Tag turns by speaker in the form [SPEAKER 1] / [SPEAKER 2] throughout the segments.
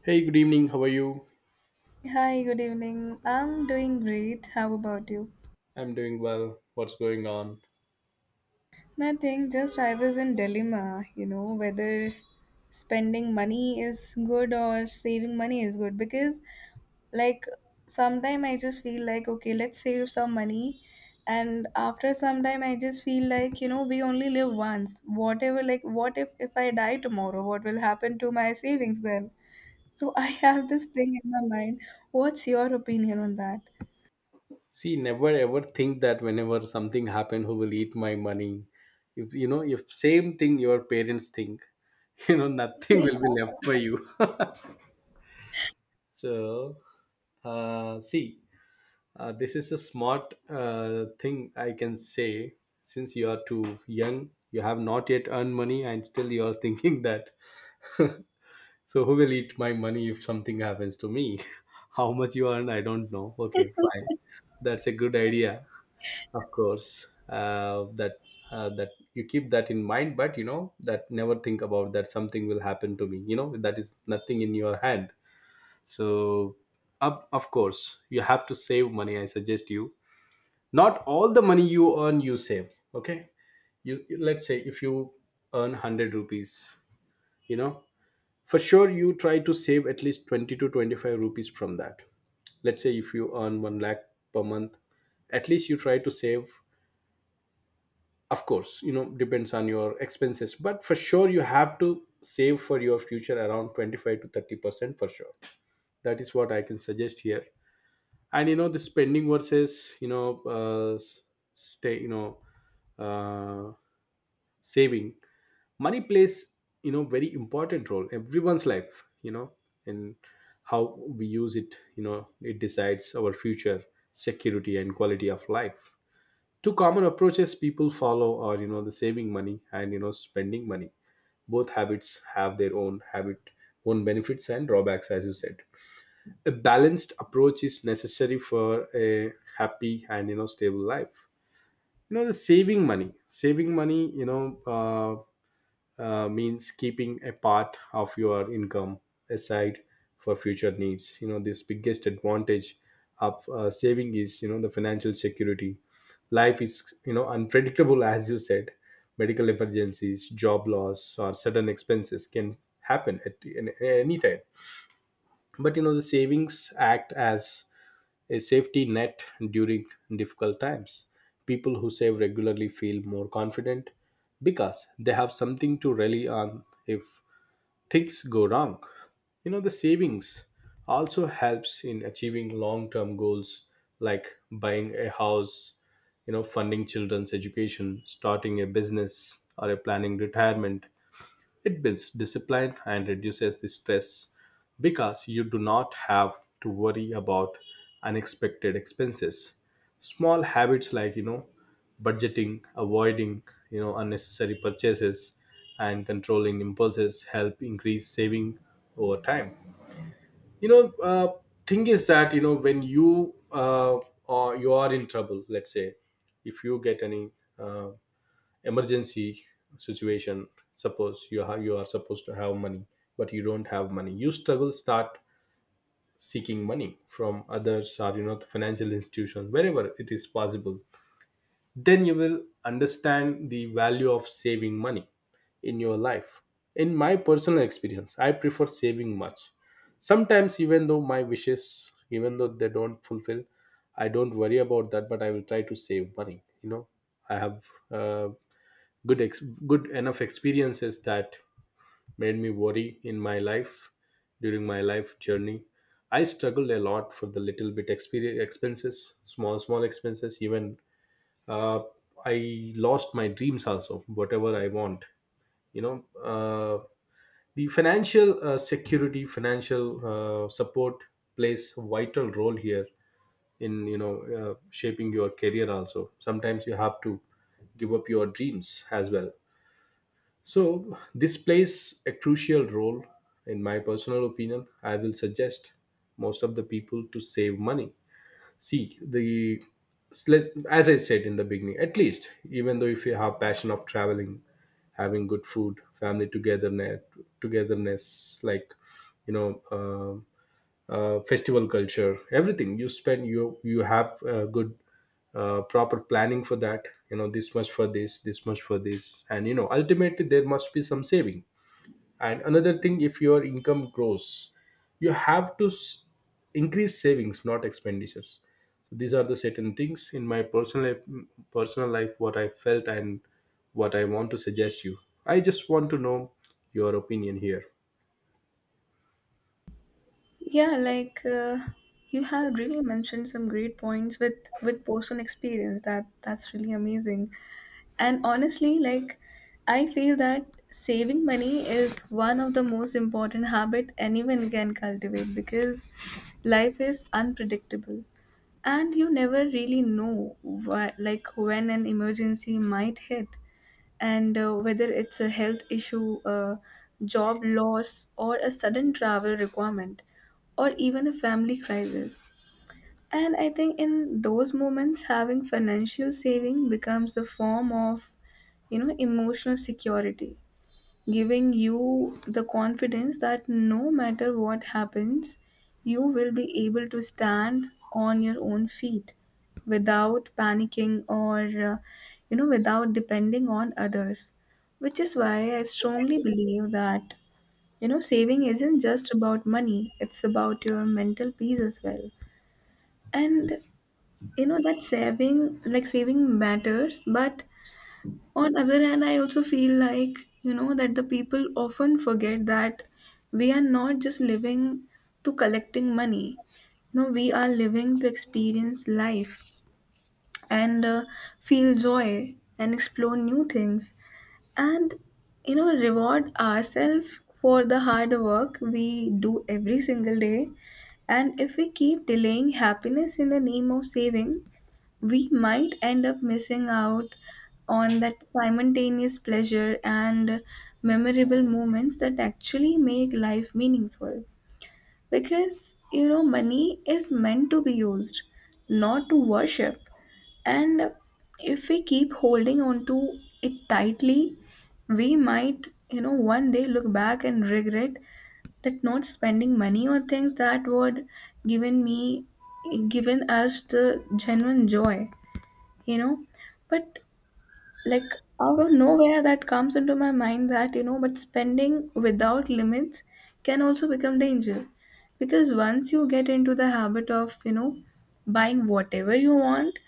[SPEAKER 1] Hey, good evening. How are you?
[SPEAKER 2] Hi, good evening. I'm doing great. How about you?
[SPEAKER 1] I'm doing well. What's going on?
[SPEAKER 2] Nothing, just I was in dilemma, whether spending money is good or saving money is good because like sometime I just feel like okay, let's save some money and after some time I just feel like, we only live once. Whatever like what if I die tomorrow, what will happen to my savings then? So I have this thing in my mind. What's your opinion on that?
[SPEAKER 1] See, never ever think that whenever something happen, who will eat my money? If you know, if same thing your parents think, nothing
[SPEAKER 2] Yeah.
[SPEAKER 1] will be left for you. so, uh, see, this is a smart thing I can say. Since you are too young, you have not yet earned money, and still you are thinking that. So, who will eat my money if something happens to me? How much you earn, I don't know. Okay, fine. That's a good idea, of course. That you keep that in mind, but you know that never think about that something will happen to me. You know that is nothing in your hand. So, up of course you have to save money. I suggest you not all the money you earn you save. Okay, let's say if you earn hundred rupees, you know for sure you try to save at least 20 to 25 rupees from that. Let's say if you earn one lakh per month, at least you try to save, of course, you know, depends on your expenses, but for sure you have to save for your future around 25 to 30% for sure. That is what I can suggest here. And you know the spending versus stay, you know, uh, saving money plays, you know, very important role in everyone's life, you know. And how we use it, you know, it decides our future security and quality of life. Two common approaches people follow are, you know, the saving money and you know spending money. Both habits have their own habit, own benefits and drawbacks. As you said, a balanced approach is necessary for a happy and you know stable life. You know the saving money saving money, you know, uh, means keeping a part of your income aside for future needs. You know, this biggest advantage of saving is, you know, the financial security. Life is, you know, unpredictable, as you said. Medical emergencies, job loss or sudden expenses can happen at any time, but you know the savings act as a safety net during difficult times. People who save regularly feel more confident because they have something to rely on if things go wrong. You know, the savings also helps in achieving long term goals like buying a house, you know, funding children's education, starting a business, or a planning retirement. It builds discipline and reduces the stress because you do not have to worry about unexpected expenses. Small habits like, you know, budgeting, avoiding, you know, unnecessary purchases and controlling impulses help increase saving over time. You know, uh, thing is that, you know, when you or you are in trouble, let's say, if you get any uh, emergency situation, suppose you have, you are supposed to have money but you don't have money, you struggle, start seeking money from others or you know the financial institutions wherever it is possible. Then you will understand the value of saving money in your life. In my personal experience I prefer saving much. Sometimes even though my wishes even though they don't fulfill, I don't worry about that, but I will try to save money, you know. I have uh, good ex- good enough experiences that made me worry in my life during my life journey. I struggled a lot for the little bit experience expenses, small small expenses. Even uh, I lost my dreams also whatever I want, you know. uh, the financial security, financial support plays a vital role here in, you know, shaping your career also. Sometimes you have to give up your dreams as well. So, this plays a crucial role, in my personal opinion. I will suggest most of the people to save money. See, the as I said in the beginning, at least, even though if you have passion of traveling, having good food, family togetherness, togetherness, like, you know, festival culture, everything you spend, you have good proper planning for that, you know, this much for this, this much for this, and you know ultimately there must be some saving. And another thing, if your income grows you have to increase savings not expenditures. So these are the certain things in my personal life, personal life, what I felt and what I want to suggest you. I just want to know your opinion here.
[SPEAKER 2] Yeah, like you have really mentioned some great points with personal experience. That's really amazing. And honestly, I feel that saving money is one of the most important habit anyone can cultivate because life is unpredictable and you never really know what, like when an emergency might hit and whether it's a health issue, a job loss, or a sudden travel requirement, or even a family crisis. And I think in those moments, having financial saving becomes a form of, emotional security, giving you the confidence that no matter what happens, you will be able to stand on your own feet without panicking or, uh, without depending on others. Which is why I strongly believe that, saving isn't just about money, it's about your mental peace as well. And, that saving, like saving matters, but on other hand, I also feel like, that the people often forget that we are not just living to collecting money. You know, we are living to experience life and feel joy and explore new things and, reward ourselves for the hard work we do every single day. And if we keep delaying happiness in the name of saving, we might end up missing out on that simultaneous pleasure and memorable moments that actually make life meaningful. Because, money is meant to be used, not to worship. And if we keep holding on to it tightly, we might, one day look back and regret that not spending money on things that would given me given us the genuine joy you know but like out of nowhere that comes into my mind that but spending without limits can also become danger because once you get into the habit of buying whatever you want,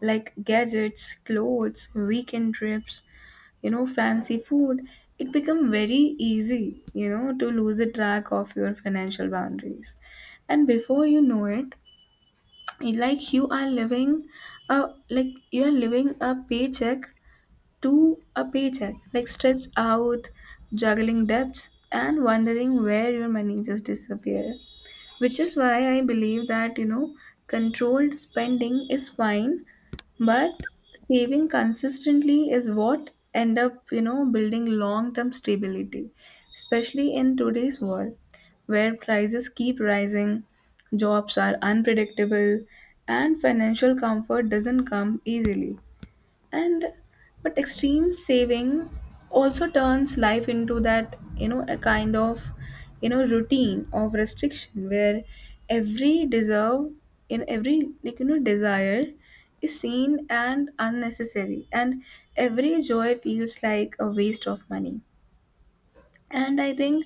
[SPEAKER 2] like gadgets, clothes, weekend trips, fancy food, it become very easy, to lose a track of your financial boundaries. And before you know it, like you are living a like you are living a paycheck to a paycheck, like stressed out, juggling debts and wondering where your money just disappear, which is why I believe that controlled spending is fine, but saving consistently is what end up, building long term stability, especially in today's world, where prices keep rising, jobs are unpredictable, and financial comfort doesn't come easily. And but extreme saving also turns life into that, a kind of, routine of restriction, where every deserve in every, like, desire is seen and unnecessary, and every joy feels like a waste of money. And I think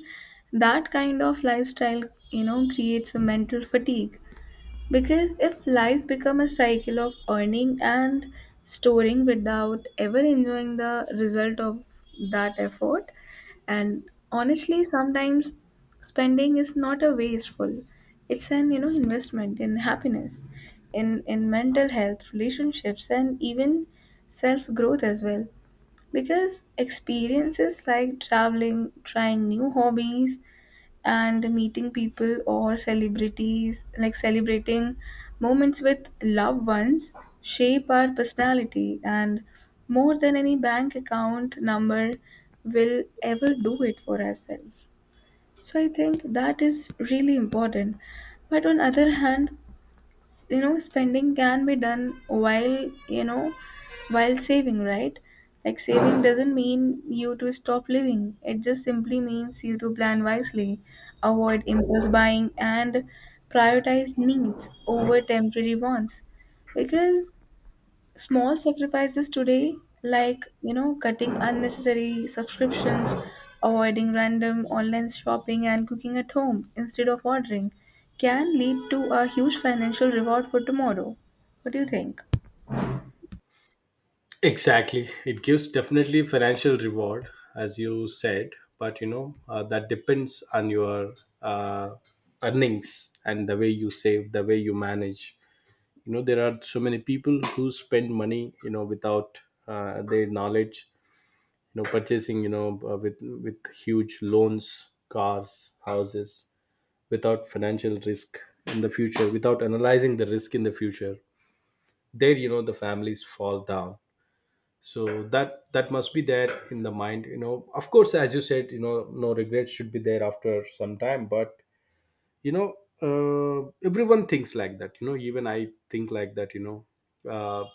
[SPEAKER 2] that kind of lifestyle, creates a mental fatigue because if life become a cycle of earning and storing without ever enjoying the result of that effort, and honestly, sometimes spending is not a wasteful. It's an, investment in happiness, in mental health, relationships, and even self growth as well. Because experiences like traveling, trying new hobbies, and meeting people or celebrities, like celebrating moments with loved ones, shape our personality, and more than any bank account number will ever do it for ourselves. So I think that is really important. But on other hand, you know, spending can be done while, you know while saving, right? Like saving doesn't mean you to stop living, it just simply means you to plan wisely, avoid impulse buying, and prioritize needs over temporary wants, because small sacrifices today, like, cutting unnecessary subscriptions, avoiding random online shopping, and cooking at home instead of ordering, can lead to a huge financial reward for tomorrow. What do you think?
[SPEAKER 1] Exactly. It gives definitely financial reward, as you said, but you know, that depends on your uh, earnings and the way you save, the way you manage. You know, there are so many people who spend money, you know, without their knowledge, you know, purchasing, you know, with huge loans, cars, houses, without financial risk in the future, without analyzing the risk in the future. There, you know, the families fall down, so that that must be there in the mind, you know. Of course, as you said, you know, no regrets should be there after some time, but you know everyone thinks like that, you know, even I think like that, you know, uh,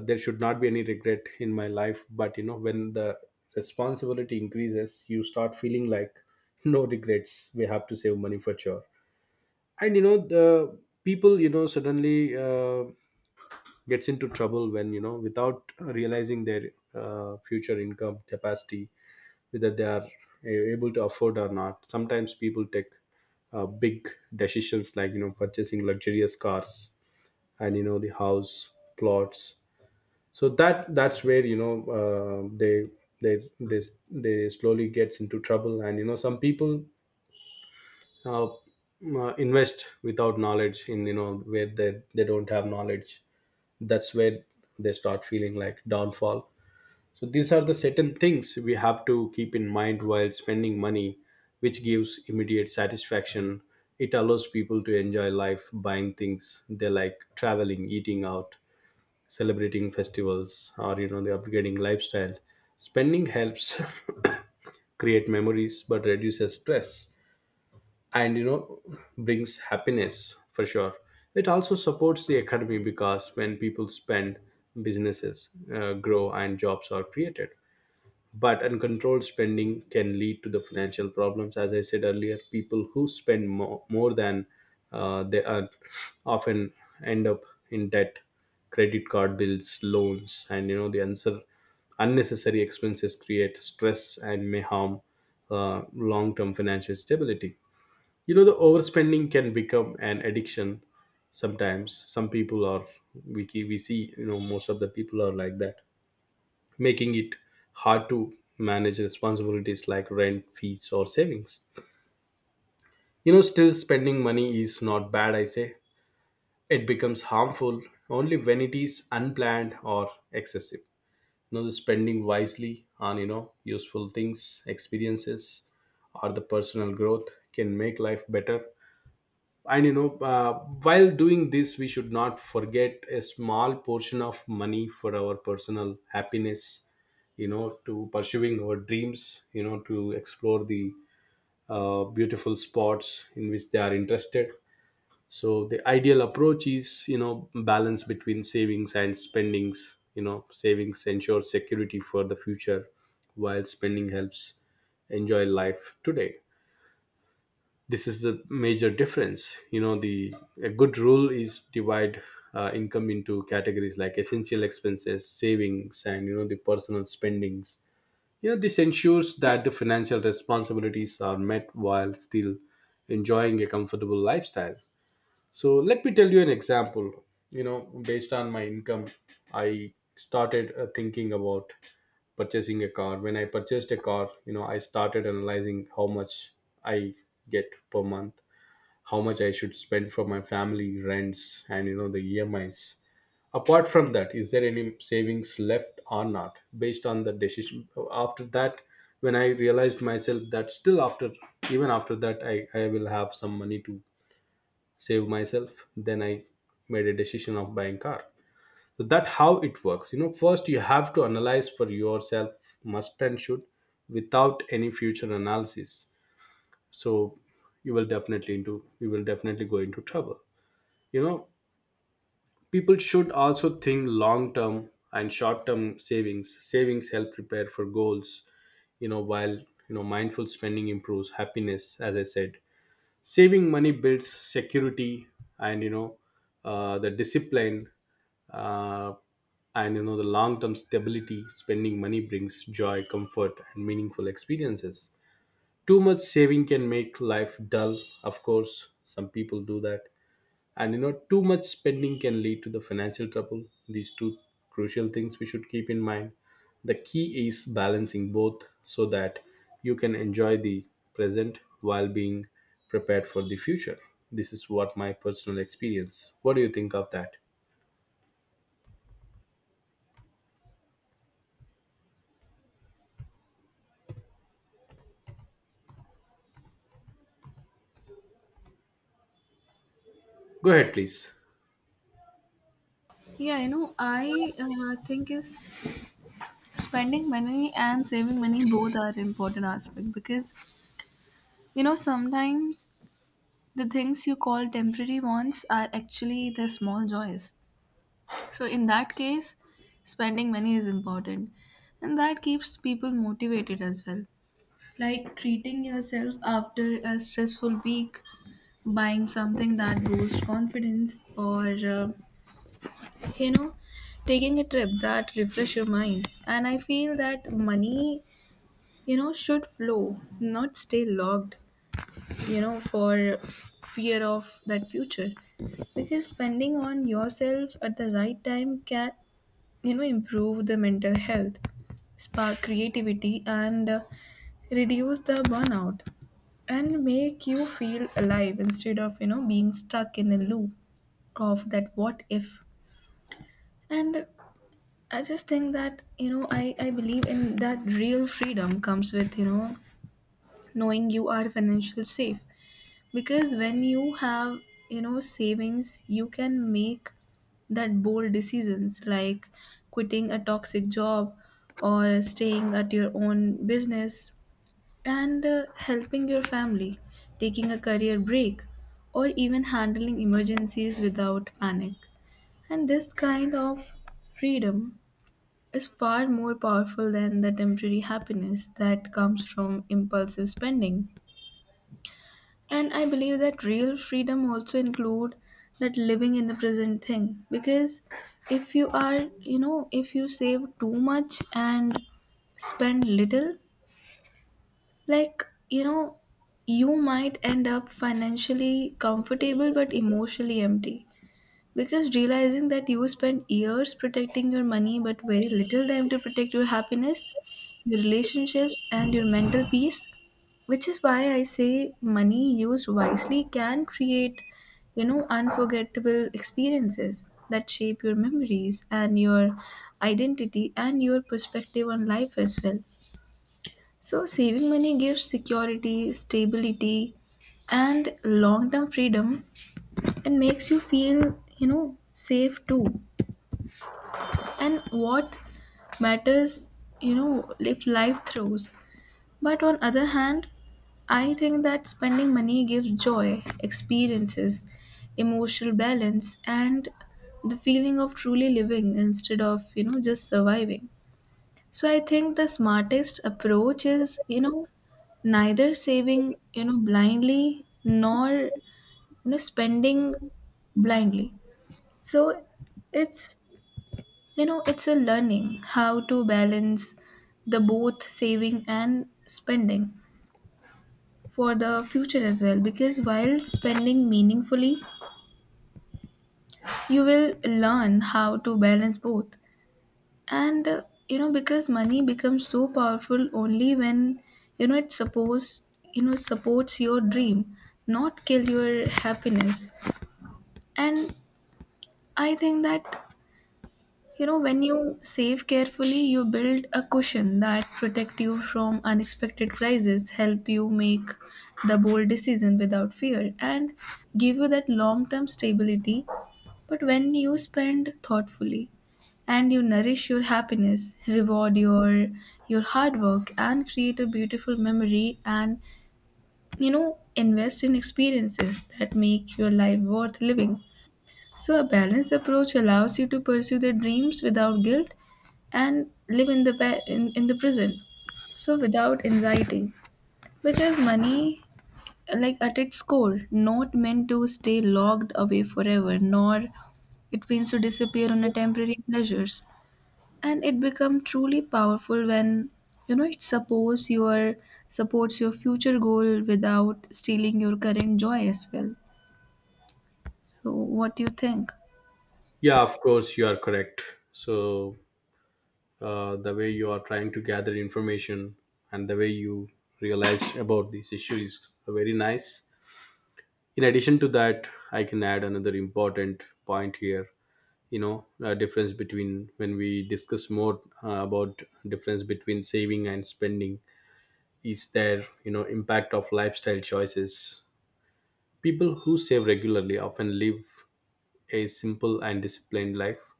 [SPEAKER 1] there should not be any regret in my life, but you know when the responsibility increases you start feeling like no regrets, we have to save money for sure. And you know the people, you know, suddenly gets into trouble, when you know, without realizing their future income capacity, whether they are able to afford or not. Sometimes people take big decisions like, you know, purchasing luxurious cars and you know the house plots. So that that's where, you know, uh, they they they they slowly gets into trouble. And you know some people invest without knowledge in, you know, where they don't have knowledge. That's where they start feeling like downfall. So these are the certain things we have to keep in mind while spending money, which gives immediate satisfaction. It allows people to enjoy life, buying things they like, traveling, eating out, celebrating festivals or you know the upgrading lifestyle. Spending helps create memories but reduces stress and you know brings happiness for sure. It also supports the economy because when people spend, businesses grow and jobs are created. But uncontrolled spending can lead to the financial problems. As I said earlier, people who spend more than they earn often end up in debt, credit card bills, loans, and you know the answer, unnecessary expenses create stress and may harm long-term financial stability. You know the overspending can become an addiction sometimes. Some people are, we see, you know, most of the people are like that, making it hard to manage responsibilities like rent, fees or savings. You know, still spending money is not bad, I say. It becomes harmful only when it is unplanned or excessive. You know, the spending wisely on, you know, useful things, experiences or the personal growth can make life better. And you know while doing this we should not forget a small portion of money for our personal happiness, you know, to pursuing our dreams, you know, to explore the beautiful spots in which they are interested. So the ideal approach is, you know, balance between savings and spendings. You know, savings ensure security for the future, while spending helps enjoy life today. This is the major difference. You know, the a good rule is divide income into categories like essential expenses, savings and you know the personal spendings. You know, this ensures that the financial responsibilities are met while still enjoying a comfortable lifestyle. So let me tell you an example. You know, based on my income, I started thinking about purchasing a car. When I purchased a car, you know, I started analyzing how much I get per month, how much I should spend for my family, rents, and you know the EMIs. Apart from that, is there any savings left or not? Based on the decision after that, when I realized myself that still after even after that I will have some money to save myself, then I made a decision of buying car. So that how it works. You know, first you have to analyze for yourself, must and should, without any future analysis. So you will definitely go into trouble. You know people should also think long term and short term savings. Savings help prepare for goals, while mindful spending improves happiness, as I said. Saving money builds security and the discipline, uh, and the long term stability. Spending money brings joy, comfort, and meaningful experiences. Too much saving can make life dull, of course some people do that. And too much spending can lead to the financial trouble. These two crucial things we should keep in mind. The key is balancing both so that you can enjoy the present while being prepared for the future. This is what my personal experience. What do you think of that? Go ahead please.
[SPEAKER 2] Yeah, you know, I think is spending money and saving money both are important aspect because, sometimes the things you call temporary wants are actually the small joys. So, in that case, spending money is important, and that keeps people motivated as well. Like treating yourself after a stressful week, buying something that boosts confidence, or, you know, taking a trip that refresh your mind. And I feel that money, should flow, not stay locked, for fear of that future because spending on yourself at the right time can, improve the mental health, spark creativity, and reduce the burnout, and make you feel alive instead of, being stuck in a loop of that what if. And I just think that, I believe in that real freedom comes with, knowing you are financially safe. Because when you have, savings, you can make that bold decisions, like quitting a toxic job or staying at your own business, and helping your family, taking a career break, or even handling emergencies without panic. And this kind of freedom is far more powerful than the temporary happiness that comes from impulsive spending. And I believe that real freedom also include that living in the present thing because if you are, if you save too much and spend little, like, you might end up financially comfortable but emotionally empty. Because realizing that you spend years protecting your money but very little time to protect your happiness, your relationships, and your mental peace, which is why I say money used wisely can create, unforgettable experiences that shape your memories and your identity and your perspective on life as well. So, saving money gives security, stability, and long term freedom and makes you feel, safe too, and what matters, if life throws. But on other hand, I think that spending money gives joy, experiences, emotional balance, and the feeling of truly living instead of, just surviving. So I think the smartest approach is, neither saving, blindly, nor, spending blindly. So it's, it's a learning how to balance the both saving and spending for the future as well, because while spending meaningfully you will learn how to balance both. And you know, because money becomes so powerful only when, you know it supports it supports your dream, not kill your happiness. And I think that you know, when you save carefully, you build a cushion that protect you from unexpected crises, help you make the bold decision without fear, and give you that long-term stability. But when you spend thoughtfully and you nourish your happiness, reward your hard work and create a beautiful memory and, invest in experiences that make your life worth living. So, a balanced approach allows you to pursue the dreams without guilt and live in the in the present. So, without anxiety, because money, like at its core, not meant to stay locked away forever, nor it means to disappear on a temporary pleasures, and it become truly powerful when, you know it supports your future goal without stealing your current joy as well. So, what do you think?
[SPEAKER 1] Yeah, of course you are correct. So the way you are trying to gather information and the way you realized about this issue is very nice. In addition to that, I can add another important point here. A difference between, when we discuss more about difference between saving and spending, is their impact of lifestyle choices. People who save regularly often live a simple and disciplined life.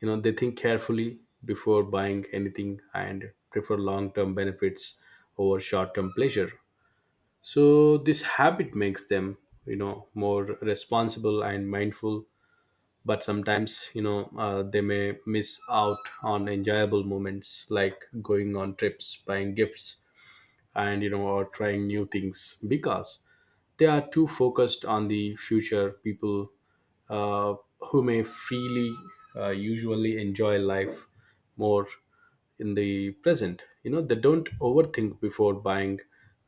[SPEAKER 1] They think carefully before buying anything and prefer long term benefits over short term pleasure. So this habit makes them more responsible and mindful. But sometimes, they may miss out on enjoyable moments, like going on trips, buying gifts, and or trying new things because they are too focused on the future. People, uh, who may freely, usually enjoy life more in the present. They don't overthink before buying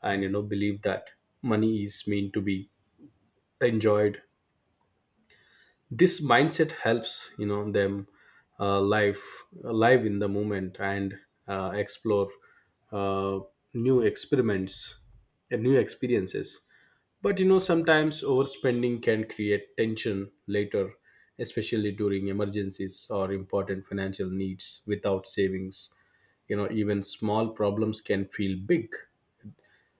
[SPEAKER 1] and believe that money is meant to be enjoyed. This mindset helps them uh, live live in the moment and explore uh, new experiments and new experiences. But sometimes overspending can create tension later, especially during emergencies or important financial needs. Without savings, even small problems can feel big.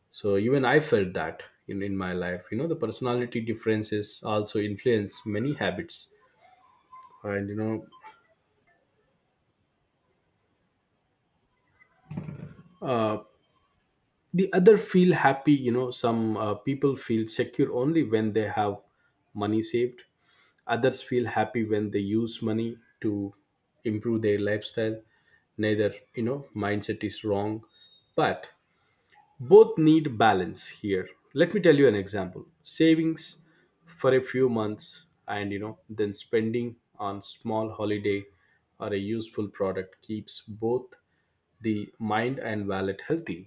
[SPEAKER 1] So even I felt that in my life. The personality differences also influence many habits. And uh, the other feel happy. Some people feel secure only when they have money saved. Others feel happy when they use money to improve their lifestyle. Neither you know mindset is wrong, but both need balance here. Let me tell you an example. Savings for a few months and then spending on small holiday or a useful product keeps both the mind and wallet healthy.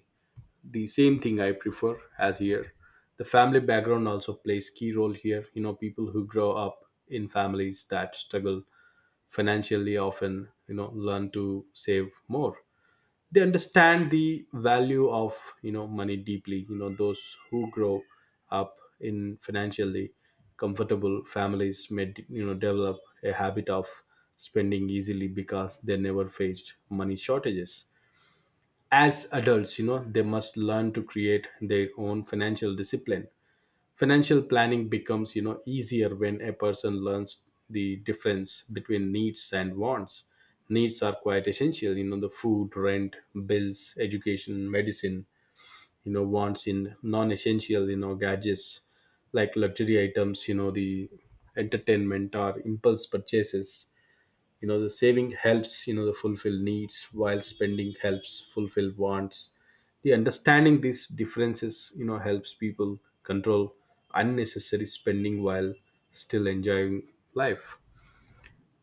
[SPEAKER 1] The same thing I prefer as here. The family background also plays key role here. People who grow up in families that struggle financially often learn to save more. They understand the value of money deeply. Those who grow up in financially comfortable families may develop a habit of spending easily because they never faced money shortages. As adults, they must learn to create their own financial discipline. Financial planning becomes easier when a person learns the difference between needs and wants. Needs are quite essential, the food, rent, bills, education, medicine. Wants in non-essential, gadgets like luxury items, the entertainment or impulse purchases. The saving helps the fulfill needs while spending helps fulfill wants. The understanding these differences helps people control unnecessary spending while still enjoying life.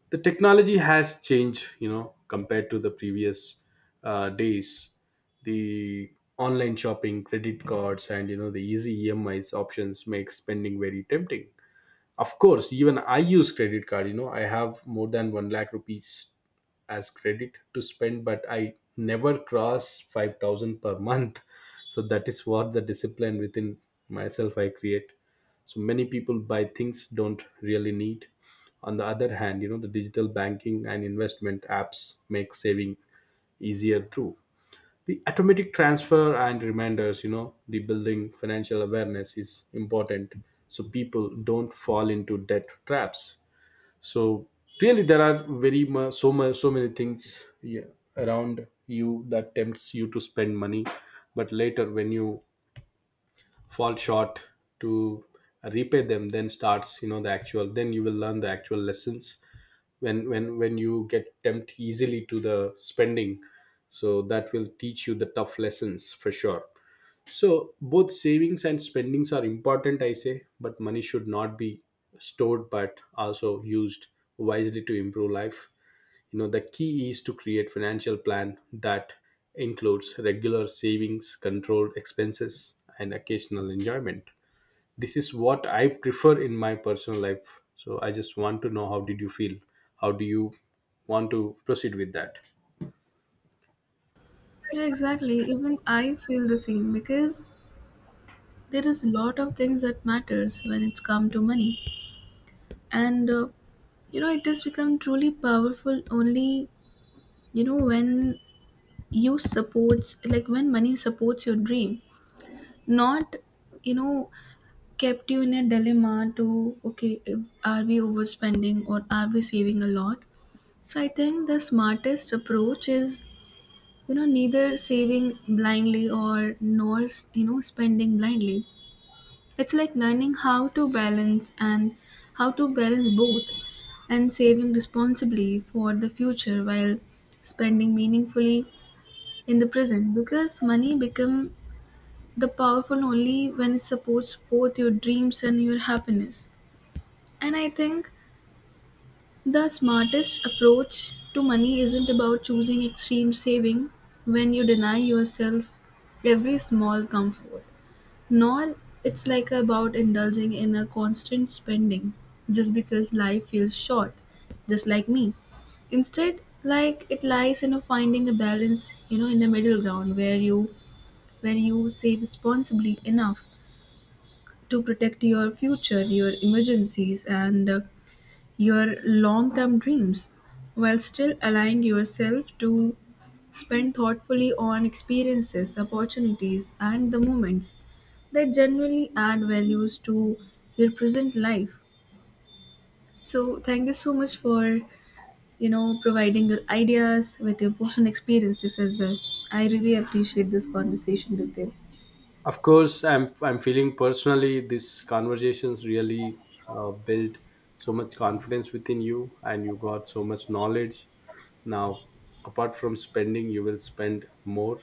[SPEAKER 1] The technology has changed compared to the previous days. The online shopping, credit cards, and the easy EMIs options make spending very tempting. Of course, even I use credit card. I have more than 1 lakh rupees as credit to spend, but I never cross 5,000 per month. So that is what the discipline within myself I create. So many people buy things don't really need. On the other hand, the digital banking and investment apps make saving easier too. The automatic transfer and reminders. The building financial awareness is important so people don't fall into debt traps. So really, there are very much so much so many things, yeah, around you that tempts you to spend money. But later, when you fall short to repay them, then you will learn the actual lessons when you get tempted easily to the spending. So that will teach you the tough lessons for sure. So both savings and spendings are important, I say, but money should not be stored but also used wisely to improve life. The key is to create financial plan that includes regular savings, controlled expenses, and occasional enjoyment. This is what I prefer in my personal life. So I just want to know, how did you feel? How do you want to proceed with that?
[SPEAKER 2] Yeah, exactly. Even I feel the same because there is a lot of things that matters when it's come to money. And you know, it has become truly powerful only, when you supports, like when money supports your dream, not, you know, kept you in a dilemma to okay, if, are we overspending or are we saving a lot? So I think the smartest approach is, neither saving blindly or nor, spending blindly. It's like learning how to balance and how to balance both, and saving responsibly for the future while spending meaningfully in the present, because money become the powerful only when it supports both your dreams and your happiness. And I think the smartest approach to money isn't about choosing extreme saving when you deny yourself every small comfort. No, it's like about indulging in a constant spending just because life feels short, just like me. Instead, like it lies in a finding a balance, in the middle ground, where you save responsibly enough to protect your future, your emergencies, and your long-term dreams, while still allowing yourself to spend thoughtfully on experiences, opportunities, and the moments that genuinely add values to your present life. So thank you so much for, providing your ideas with your personal experiences as well. I really appreciate this conversation with you.
[SPEAKER 1] Of course I'm feeling personally these conversations really build so much confidence within you, and you got so much knowledge now. apart from spending you will spend more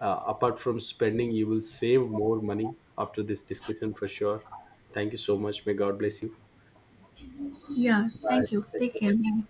[SPEAKER 1] Apart from spending you will save more money after this discussion for sure. Thank you so much. May God bless you.
[SPEAKER 2] Yeah, thank
[SPEAKER 1] Bye.
[SPEAKER 2] you.
[SPEAKER 1] Take
[SPEAKER 2] Take care.
[SPEAKER 1] care.
[SPEAKER 2] Bye.